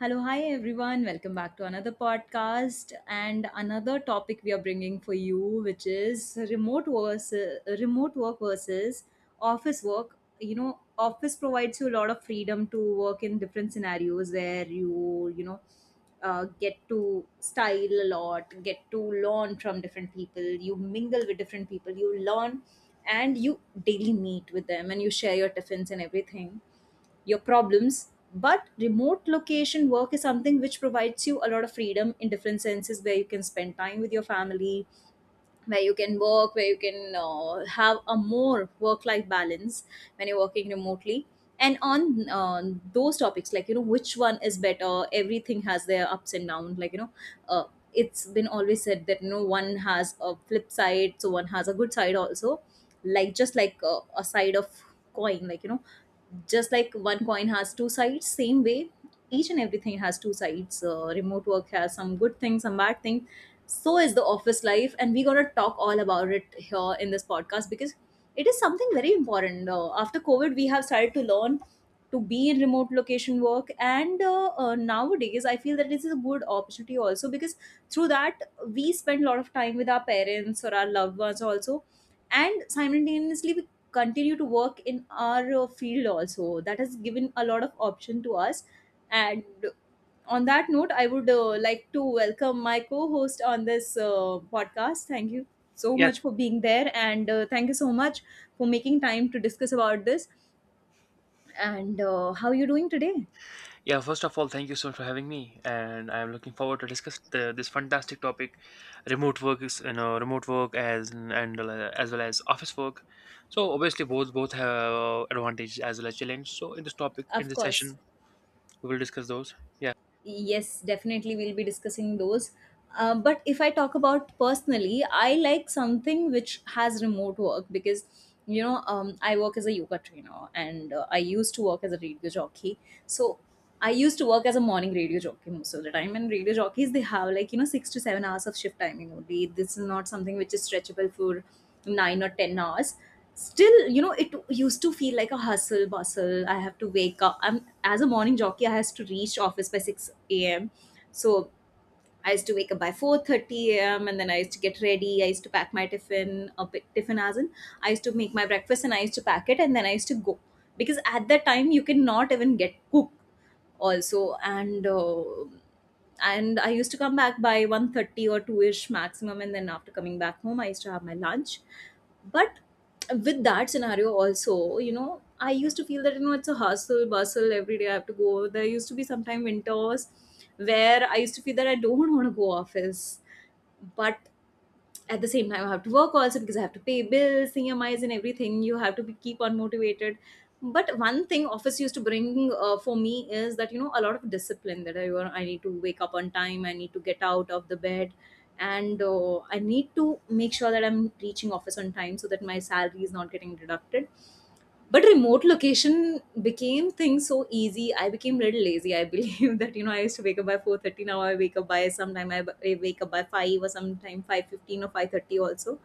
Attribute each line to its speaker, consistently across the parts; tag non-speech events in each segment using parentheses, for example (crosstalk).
Speaker 1: Hello, hi everyone. Welcome back to another podcast and another topic we are bringing for you, which is remote work versus office work. You know, office provides you a lot of freedom to work in different scenarios where you get to style a lot, get to learn from different people, you mingle with different people, you learn and you daily meet with them, and you share your tiffins and everything, your problems. But remote location work is something which provides you a lot of freedom in different senses where you can spend time with your family, where you can work, where you can have a more work life balance when you're working remotely. And on those topics, like, you know, which one is better, everything has their ups and downs. Like, you know, uh, it's been always said that, you know, one has a flip side, so one has a good side also. Like, just like a side of coin, like, you know, just like one coin has two sides, same way, each and everything has two sides. Remote work has some good things, some bad things, so is the office life, and we're going to talk all about it here in this podcast because it is something very important. After covid we have started to learn to be in remote location work, and nowadays I feel that this is a good opportunity also, because through that we spend a lot of time with our parents or our loved ones also, and simultaneously we continue to work in our field also. That has given a lot of option to us. And on that note, I would like to welcome my co host on this podcast. Thank you so
Speaker 2: Yeah,
Speaker 1: much for being there, and thank you so much for making time to discuss about this. And how are you doing today?
Speaker 2: yeah, First of all, thank you so much for having me, and I'm looking forward to discuss this fantastic topic. Remote work is remote work as in- and as well as office work. So obviously both have advantages as well as challenge. So in
Speaker 1: Of
Speaker 2: this
Speaker 1: course.
Speaker 2: session we will discuss those. Yeah,
Speaker 1: Yes, definitely we'll be discussing those. But if I talk about personally, I like something which has remote work because you know, I work as a yoga trainer and I used to work as a radio jockey. So I used to work as a morning radio jockey most of the time, and radio jockeys they have like, 6 to 7 hours of shift timing only. This is not something which is stretchable for 9 or 10 hours. Still, it used to feel like a hustle bustle. I have to wake up. I'm, as a morning jockey, I has to reach office by 6 a.m. So I used to wake up by 4:30 a.m. and then I used to get ready. I used to pack my tiffin, a bit... tiffin as in I used to make my breakfast and I used to pack it, and then I used to go, because at that time you cannot even get cooked also. And and I used to come back by 1:30 or 2ish maximum, and then after coming back home I used to have my lunch. But with that scenario also, I used to feel that, it's a hustle bustle. Every day I have to go there. Used to be sometime winters where I used to feel that I don't (laughs) want to go office. But at the same time I have to work also, because I have to pay bills, emis and everything. You have to keep on motivated. But one thing office used to bring for me is that, you know, a lot of discipline, that I need to wake up on time, I need to get out of the bed, and I need to make sure that I'm reaching office on time so that my salary is not getting deducted. But remote location became things so easy. I became little lazy, I believe. (laughs) That I used to wake up by 4:30. Now I wake up by sometime I wake up by five, or sometime 5:15 or 5:30 also,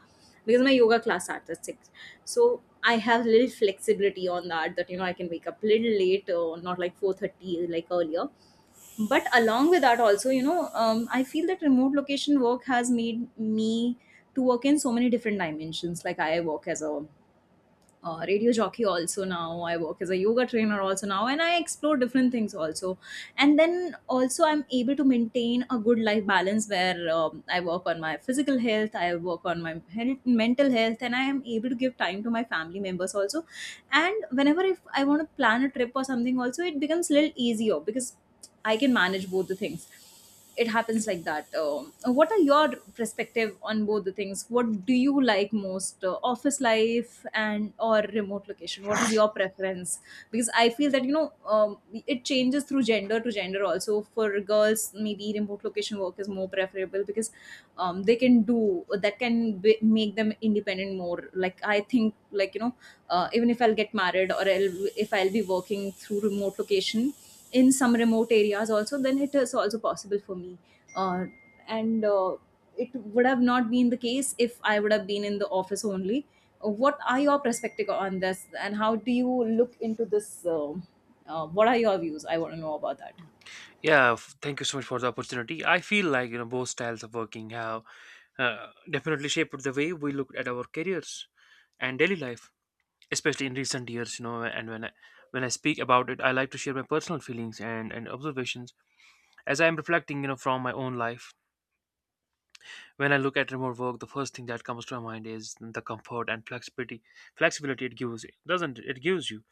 Speaker 1: because my yoga class starts at six. So I have little flexibility on that. That, you know, I can wake up little late or not like 4:30 like earlier. But along with that also, you know, I feel that remote location work has made me to work in so many different dimensions. Like I work as a radio jockey also now, I work as a yoga trainer also now, and I explore different things also. And then also I'm able to maintain a good life balance where I work on my physical health, I work on my health, mental health, and I am able to give time to my family members also. And whenever if I want to plan a trip or something also, it becomes a little easier because I can manage both the things. It happens like that. What are your perspective on both the things? What do you like most, office life and or remote location? What is your preference? Because I feel that, you know, it changes through gender to gender also. For girls, maybe remote location work is more preferable because they can do that, can make them independent more. Like I think, like you know, even if I'll get married or if I'll be working through remote location in some remote areas also, then it is also possible for me, uh, and it would have not been the case if I would have been in the office only. What are your perspective on this and how do you look into this? um what are your views? I want to know about that.
Speaker 2: Thank you so much for the opportunity. I feel like both styles of working have definitely shaped the way we look at our careers and daily life, especially in recent years. You know and when I When I speak about it, I like to share my personal feelings and observations as I am reflecting from my own life. When I look at remote work, the first thing that comes to my mind is the comfort and flexibility. Flexibility it gives doesn't It gives you.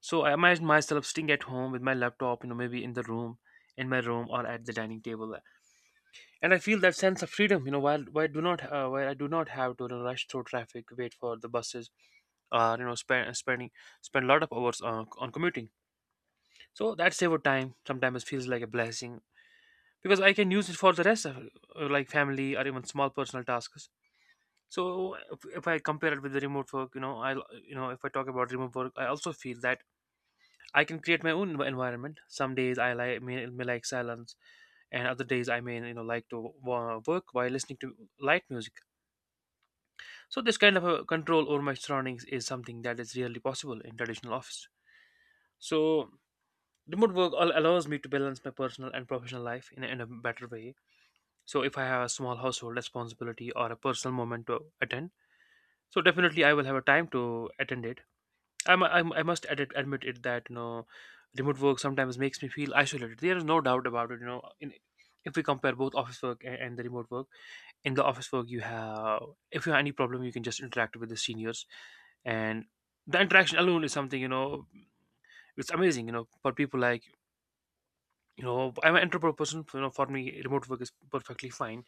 Speaker 2: So I imagine myself sitting at home with my laptop, maybe in the room in my room or at the dining table, and I feel that sense of freedom. While I do not have to, rush through traffic, wait for the buses, uh, you know spend spending spend a lot of hours on commuting. So that save of time sometimes feels like a blessing, because I can use it for the rest of like family or even small personal tasks. So if I compare it with the remote work, you know, I you know if I talk about remote work, I also feel that I can create my own environment. Some days I may, like silence, and other days I may like to work while listening to light music. So this kind of a control over my surroundings is something that is rarely possible in traditional office. So remote work allows me to balance my personal and professional life in a better way. So if I have a small household responsibility or a personal moment to attend, so definitely I will have a time to attend it. I must admit it that remote work sometimes makes me feel isolated. There is no doubt about it. If we compare both office work and the remote work, in the office work you have, if you have any problem, you can just interact with the seniors, and the interaction alone is something, it's amazing. You know, for people I'm an introvert person. You know, for me, remote work is perfectly fine.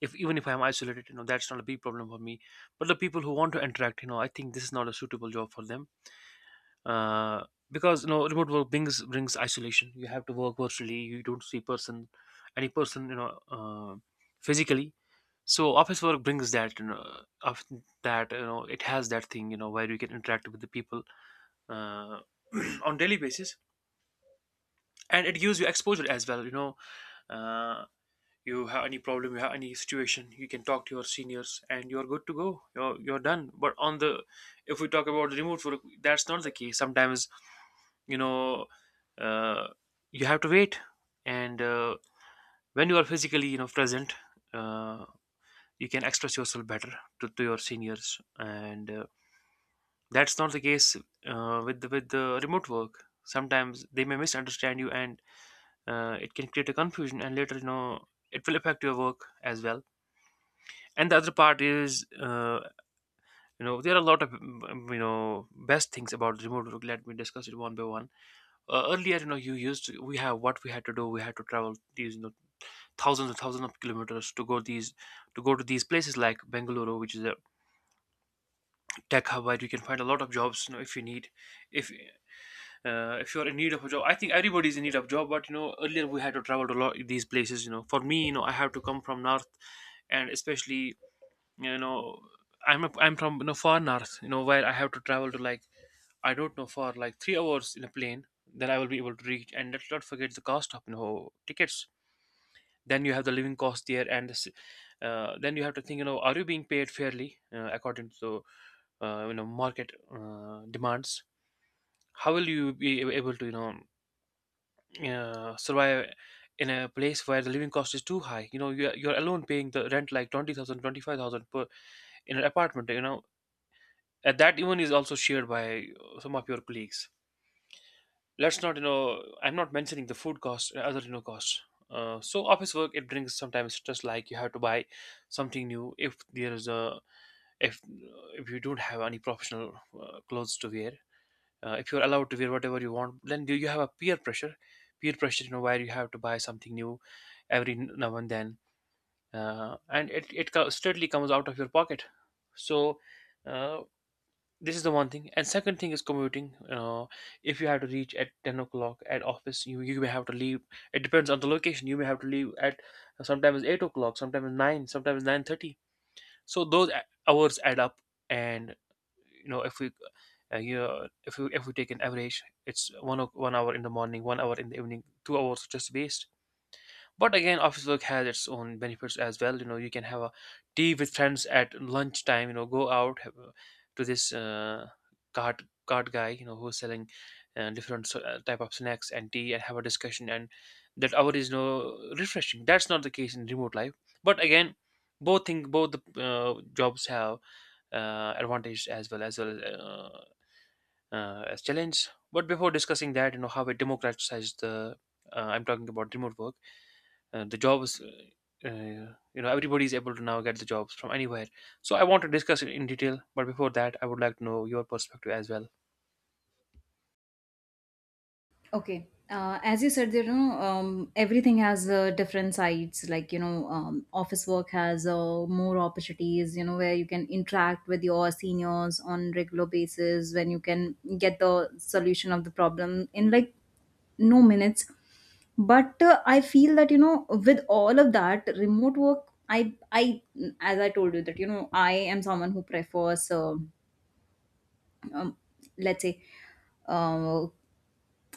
Speaker 2: If Even if I'm isolated, that's not a big problem for me. But the people who want to interact, I think this is not a suitable job for them. uh, because remote work brings isolation. You have to work virtually, you don't see person, any person, physically. So office work brings that you know of that you know it has that thing, where you can interact with the people uh, (clears throat) on daily basis, and it gives you exposure as well. Uh, you have any problem, you have any situation, you can talk to your seniors, and you're good to go. You're done. But if we talk about the remote work, that's not the case. Sometimes, you know, uh, you have to wait, and when you are physically present, uh, you can express yourself better to your seniors, and that's not the case with the remote work. Sometimes they may misunderstand you, and it can create a confusion, and later it will affect your work as well. And the other part is, there are a lot of best things about remote work. Let me discuss it one by one. Earlier, we have what we had to do, we had to travel, these you know thousands and thousands of kilometers, to go these to go to these places like Bengaluru, which is a tech hub where you can find a lot of jobs. If you need, if if you're in need of a job, I think everybody's in need of job. But earlier we had to travel to a lot these places. For me, I have to come from north. And especially, you know I'm from far north, where I have to travel to, like, I don't know, for like 3 hours in a plane, then I will be able to reach. And let's not forget the cost of tickets, then you have the living cost there. Then you have to think, are you being paid fairly, according to market demands? How will you be able to survive in a place where the living cost is too high? You're alone paying the rent like 20,000, 25,000 per, in an apartment, and that even is also shared by some of your colleagues. Let's not, I'm not mentioning the food costs and other costs. So office work, it brings sometimes stress, like you have to buy something new. If there is a, if you don't have any professional clothes to wear, if you're allowed to wear whatever you want, then do you have a peer pressure, where you have to buy something new every now and then, and it steadily comes out of your pocket. so uh, this is the one thing, and second thing is commuting. If you have to reach at 10 o'clock at office, you may have to leave, it depends on the location, you may have to leave at sometimes 8 o'clock, sometimes 9, sometimes 9:30. So those hours add up. And you know if we you know, if we If we take an average, it's 1 hour in the morning, 1 hour in the evening, 2 hours just waste. But again, office work has its own benefits as well. You can have a tea with friends at lunchtime, go out, have, to this cart guy, who's selling different type of snacks and tea, and have a discussion, and that hour is refreshing. That's not the case in remote life. But again, both thing both the jobs have advantage as well, as challenge. But before discussing that, how it democratizes the, I'm talking about remote work, the jobs, everybody is able to now get the jobs from anywhere. So I want to discuss it in detail, but before that I would like to know your perspective as well.
Speaker 1: Okay. As you said, you know, everything has different sides. Like, you know, office work has more opportunities, you know, where you can interact with your seniors on regular basis, when you can get the solution of the problem in like no minutes. But I feel that, you know, with all of that, remote work, as I told you that, you know, I am someone who prefers, um, let's say, uh,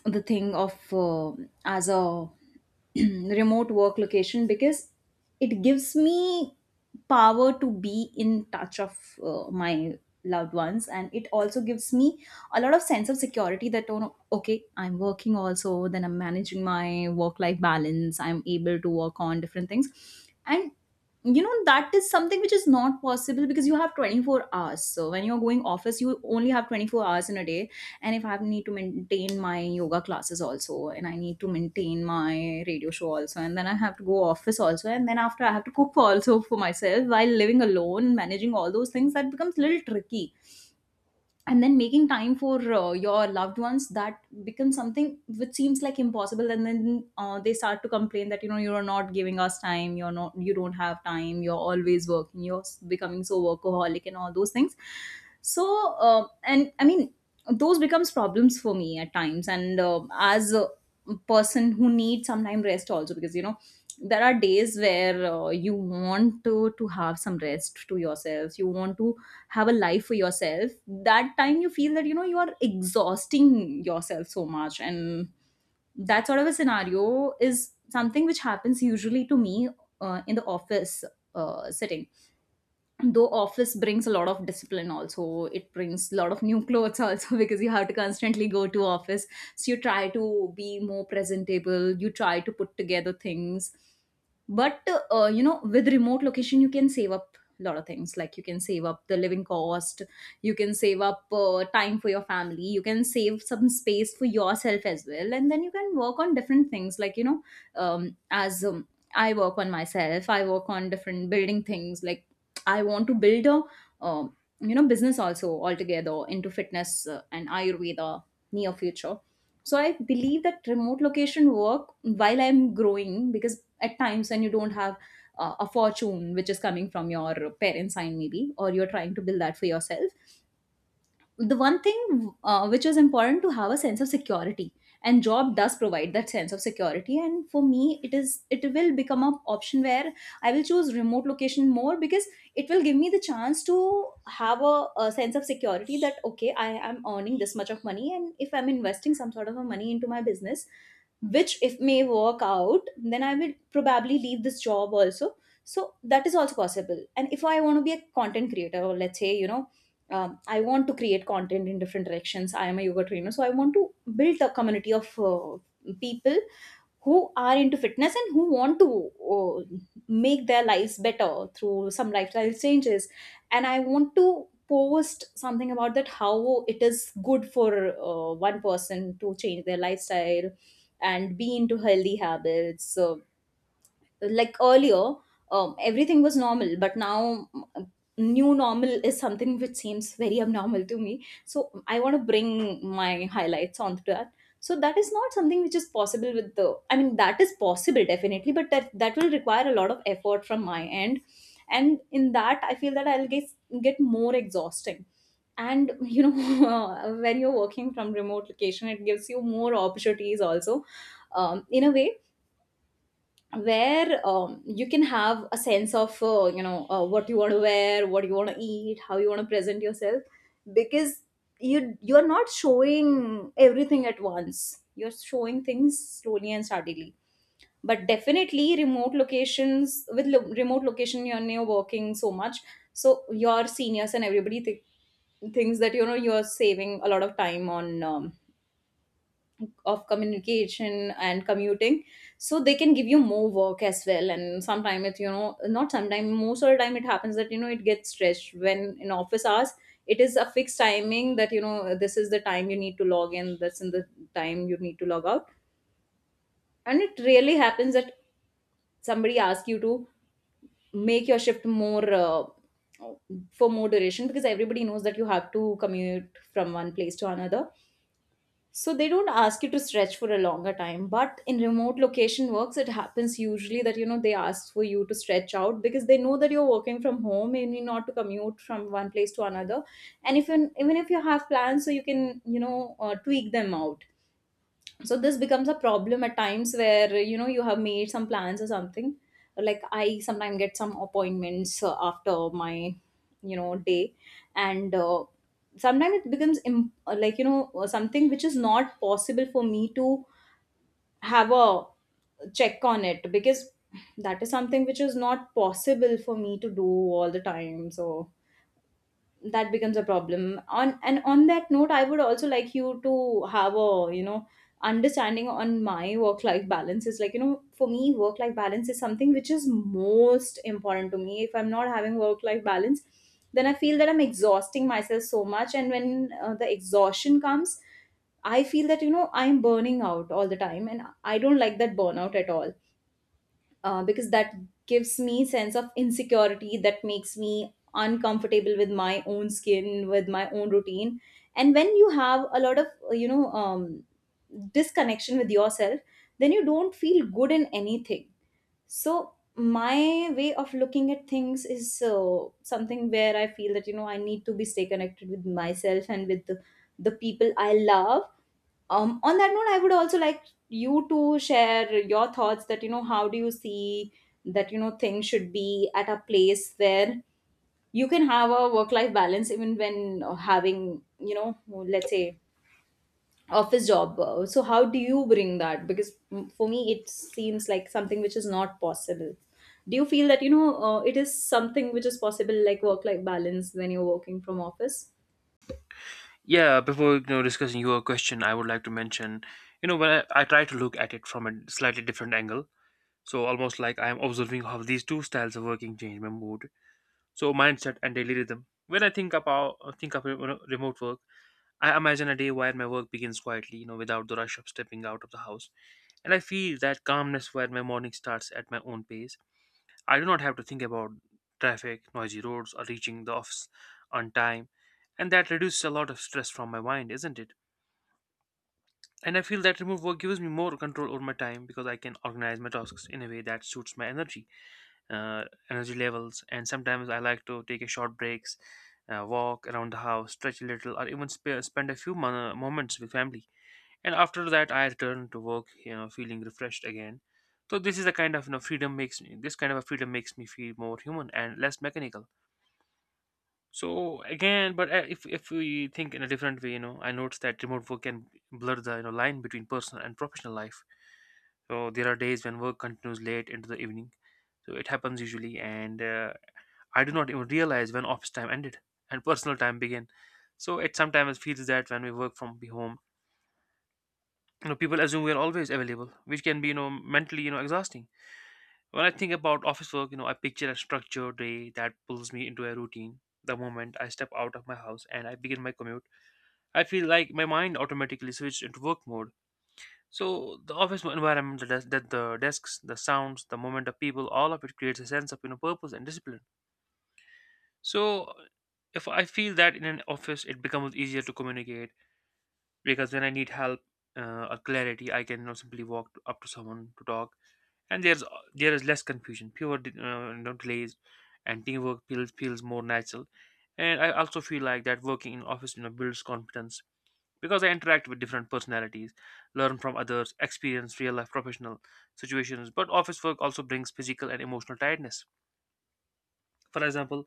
Speaker 1: the thing of as a (clears throat) remote work location, because it gives me power to be in touch of my loved ones, and it also gives me a lot of sense of security that oh, no, okay, I'm working also. Then I'm managing my work life balance, I'm able to work on different things. And, you know, that is something which is not possible, because you have 24 hours. So when you're going office you only have 24 hours in a day. And if I need to maintain my yoga classes also, and I need to maintain my radio show also, and then I have to go office also, and then after I have to cook also for myself while living alone, managing all those things, that becomes a little tricky. And then making time for your loved ones, that becomes something which seems like impossible. And then they start to complain that, you know, you're not giving us time, you don't have time, you're always working, becoming so workaholic and all those things. So and I mean, those becomes problems for me at times. And as a person who needs some time rest also, because, you know, there are days where you want to have some rest to yourself, you want to have a life for yourself. That time you feel that, you know, you are exhausting yourself so much, and that sort of a scenario is something which happens usually to me in the office setting. Though office brings a lot of discipline also, it brings a lot of new clothes also, (laughs) because you have to constantly go to office, so you try to be more presentable, you try to put together things. But you know, with remote location you can save up a lot of things. Like you can save up the living cost, you can save up time for your family, you can save some space for yourself as well, and then you can work on different things, like you know, as I work on myself, I work on different building things. Like I want to build a business also altogether into fitness and Ayurveda near future. So I believe that remote location work while I'm growing, because at times when you don't have a fortune which is coming from your parents' side maybe, or you're trying to build that for yourself, the one thing which was important to have a sense of security, and job does provide that sense of security. And for me, it will become an option where I will choose remote location more, because it will give me the chance to have a sense of security that okay, I am earning this much of money, and if I'm investing some sort of a money into my business, which if may work out, then I will probably leave this job also. So that is also possible. And if I want to be a content creator, or let's say, you know, I want to create content in different directions, I am a yoga trainer, so I want to build a community of people who are into fitness and who want to uh, make their lives better through some lifestyle changes. And I want to post something about that, how it is good for one person to change their lifestyle and be into healthy habits. So, like earlier, everything was normal, but now, new normal is something which seems very abnormal to me, so I want to bring my highlights onto that. So that is not something which is possible with the, I mean, that is possible definitely, but that will require a lot of effort from my end. And in that I feel that I'll get more exhausting. And you know, (laughs) when you're working from remote location, it gives you more opportunities also, in a way where you can have a sense of you know, what you want to wear, what you want to eat, how you want to present yourself, because you're not showing everything at once, you're showing things slowly and steadily. But definitely remote locations with remote location, you working so much, so your seniors and everybody thinks that you know, you're saving a lot of time on of communication and commuting, so they can give you more work as well. And sometimes it, you know, not sometimes, most of the time it happens that you know, it gets stretched. When in office hours, it is a fixed timing that you know, this is the time you need to log in, that's in the time you need to log out. And it really happens that somebody asks you to make your shift more for more duration, because everybody knows that you have to commute from one place to another. So they don't ask you to stretch for a longer time. But in remote location works, it happens usually that you know, they ask for you to stretch out, because they know that you're working from home and you not to commute from one place to another. And if you, even if you have plans, so you can you know, tweak them out. So this becomes a problem at times where you know, you have made some plans or something, like I sometimes get some appointments after my, you know, day. And sometimes it becomes like you know, something which is not possible for me to have a check on it, because that is something which is not possible for me to do all the time. So that becomes a problem. On and on that note, I would also like you to have a, you know, understanding on my work life balance. Is like you know, for me work life balance is something which is most important to me. If I'm not having work life balance, then I feel that I'm exhausting myself so much, and when the exhaustion comes, I feel that you know, I'm burning out all the time, and I don't like that burnout at all. Because that gives me sense of insecurity, that makes me uncomfortable with my own skin, with my own routine. And when you have a lot of you know, disconnection with yourself, then you don't feel good in anything. So my way of looking at things is so something where I feel that you know, I need to be stay connected with myself and with the people I love. On that note, I would also like you to share your thoughts, that you know, how do you see that you know, things should be at a place where you can have a work life balance even when having you know, let's say, office job. So how do you bring that? Because, for me it seems like something which is not possible. Do you feel that you know, it is something which is possible, like work life balance when you're working from office?
Speaker 2: Yeah, before discussing your question, I would like to mention, I try to look at it from a slightly different angle. So almost like I am observing how these two styles of working change my mood, so mindset and daily rhythm. When I think of, remote work, I imagine a day where my work begins quietly, you know, without the rush of stepping out of the house. And I feel that calmness where my morning starts at my own pace. I do not have to think about traffic, noisy roads, or reaching the office on time. And that reduces a lot of stress from my mind, isn't it? And I feel that remote work gives me more control over my time, because I can organize my tasks in a way that suits my energy, uh, energy levels. And sometimes I like to take a short breaks, walk around the house, stretch a little, or even spend a few moments with family, and after that I return to work, you know, feeling refreshed again. So this is the kind of, you know, freedom makes me this kind of a freedom makes me feel more human and less mechanical. So again, but if we think in a different way, you know, I notice that remote work can blur the, you know, line between personal and professional life. So there are days when work continues late into the evening. So it happens usually, and I do not even realize when office time ended and personal time began. So it sometimes feels that when we work from the home, you know, people assume we are always available, which can be, you know, mentally, you know, exhausting. When I think about office work, you know, I picture a structured day that pulls me into a routine. The moment I step out of my house and I begin my commute, I feel like my mind automatically switches into work mode. So the office environment, that the desks, the sounds, the movement of people, all of it creates a sense of, you know, purpose and discipline. So if I feel that in an office it becomes easier to communicate, because when I need help, or clarity, I can, you know, simply walk up to someone to talk. And there is less confusion, pure no delays, and teamwork feels more natural. And I also feel like that working in office, you know, builds confidence, because I interact with different personalities, learn from others experience real life professional situations. But office work also brings physical and emotional tiredness. For example,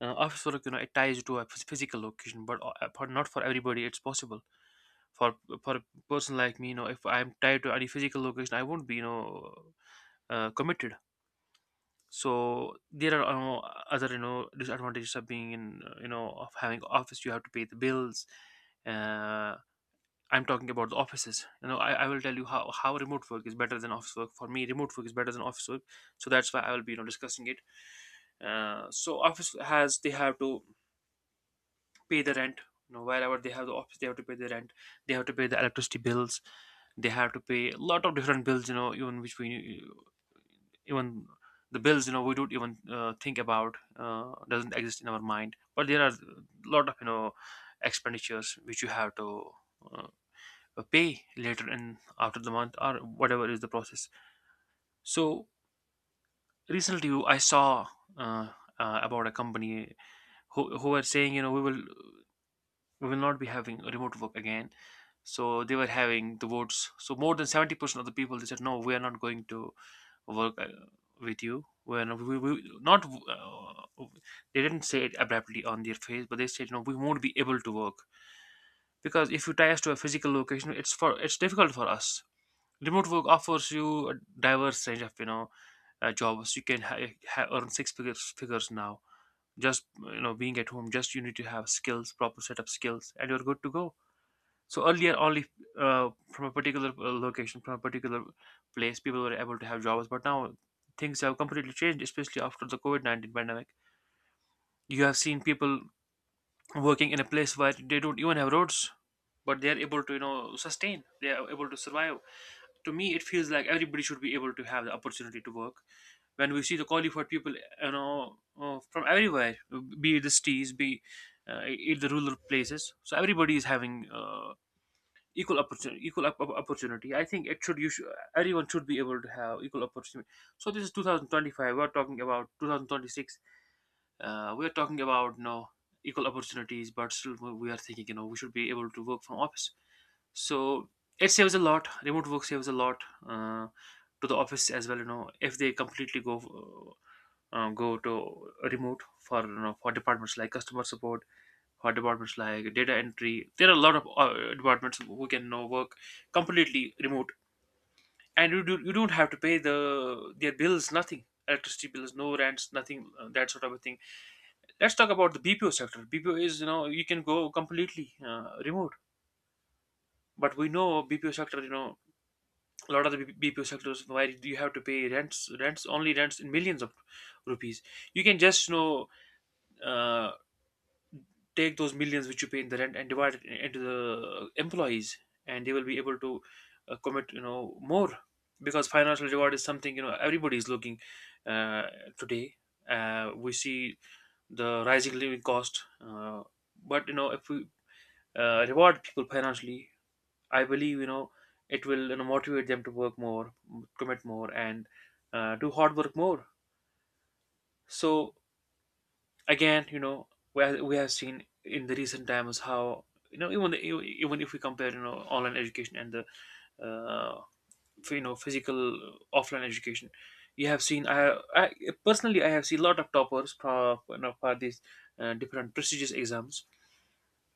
Speaker 2: office work, you know, it ties you to a physical location, but for, not for everybody it's possible. For for a person like me, you know, if I'm tied to any physical location, I won't be, you know, committed. So there are, you know, other, you know, disadvantages of being in, you know, of having office. You have to pay the bills, uh, I'm talking about the offices. You know, I will tell you how remote work is better than office work. For me, remote work is better than office work, so that's why I will be, you know, discussing it. So office has, they have to pay the rent. You know, wherever they have the office, they have to pay the rent. They have to pay the electricity bills. They have to pay a lot of different bills, you know, even which we even the bills, you know, we don't even, think about, doesn't exist in our mind. But there are a lot of, you know, expenditures which you have to, uh, pay later in after the month or whatever is the process. So recently I saw, uh, about a company who were saying, you know, we will not be having remote work again. So they were having the votes. So more than 70% of the people, they said no, we are not going to work, with you when we not, they didn't say it abruptly on their face, but they said, you know, we won't be able to work, because if you tie us to a physical location, it's difficult for us. Remote work offers you a diverse range of, you know, jobs. You can earn six figures now, just, you know, being at home. Just you need to have skills, proper set of skills, and you're good to go. So earlier, only from a particular location, from a particular place, people were able to have jobs. But now things have completely changed, especially after the COVID 19 pandemic. You have seen people working in a place where they don't even have roads, but they are able to, you know, sustain. They are able to survive. To me, it feels like everybody should be able to have the opportunity to work. When we see the qualified people, you know, from everywhere, be it the cities, be in the rural places, so everybody is having, equal opportunity equal op- op- opportunity. I think it should, everyone should be able to have equal opportunity. So this is 2025, we're talking about 2026, we're talking about no equal opportunities, but still we are thinking, you know, we should be able to work from office. So it saves a lot, remote work saves a lot, uh, to the office as well. You know, if they completely go to remote for, you know, for departments like customer support, or departments like data entry. There are a lot of, departments who can now work completely remote, and you don't have to pay the their bills, nothing, electricity bills, no rents, nothing, that sort of a thing. Let's talk about the BPO sector. BPO is, you know, you can go completely, remote, but we know BPO sector. You know, a lot of the BPO sectors where you have to pay rents, rents only rents in millions of rupees. You can just, you know, uh, take those millions which you pay in the rent and divide it into the employees, and they will be able to, commit, you know, more, because financial reward is something, you know, everybody is looking, uh, today. We see the rising living cost, but you know, if we, reward people financially, I believe, you know, it will, you know, motivate them to work more, commit more, and do hard work more. So again, you know, we have seen in the recent times how, you know, even even if we compare, you know, online education and the, uh, you know, physical, offline education, you have seen, I personally I have seen a lot of toppers for, you know, for these, different prestigious exams.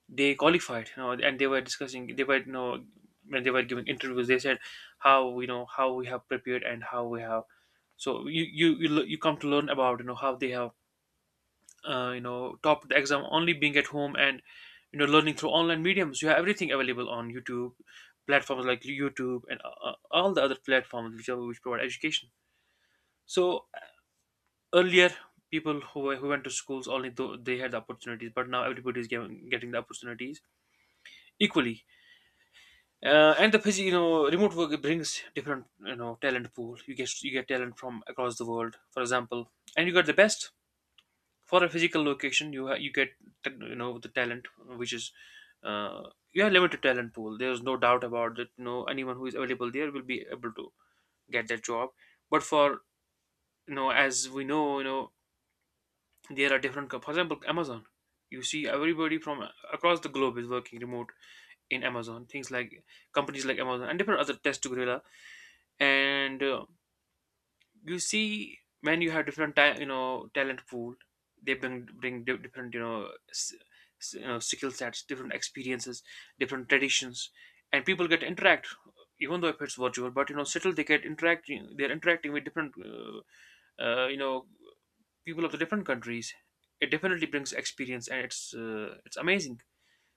Speaker 2: They qualified, you know, and they were discussing. They were, you know, when they were giving interviews, they said how, you know, how we have prepared and how we have, so you come to learn about, you know, how they have, you know, top the exam only being at home, and you know, learning through online mediums. You have everything available on YouTube, platforms like YouTube and, all the other platforms which provide education. So earlier, people who went to schools only though they had the opportunities, but now everybody is getting the opportunities equally. And the you know, remote work, it brings different, you know, talent pool. You get talent from across the world, for example, and you got the best. For a physical location, you you get, you know, the talent which is, uh, you have limited talent pool, there's no doubt about that. You know, anyone who is available there will be able to get that job. But for, you know, as we know, you know, there are different for example Amazon, you see everybody from across the globe is working remote in Amazon. Things like companies like Amazon and different other test to gorilla, and you see when you have different time you know, talent pool, they bring different, you know, you know, skill sets, different experiences, different traditions, and people get interact, even though if it's virtual, but you know, still they get interacting. They're interacting with different, you know, people of the different countries. It definitely brings experience, and it's, it's amazing.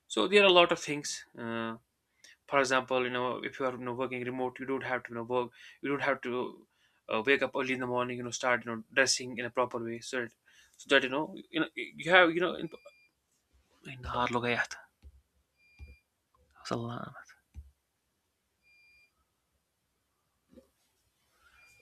Speaker 2: So there are a lot of things, for example, you know, if you are, you know, working remote, you don't have to, you don't have to wake up early in the morning, you know, start, you know, dressing in a proper way so that, you know, you know, you have, you know, in-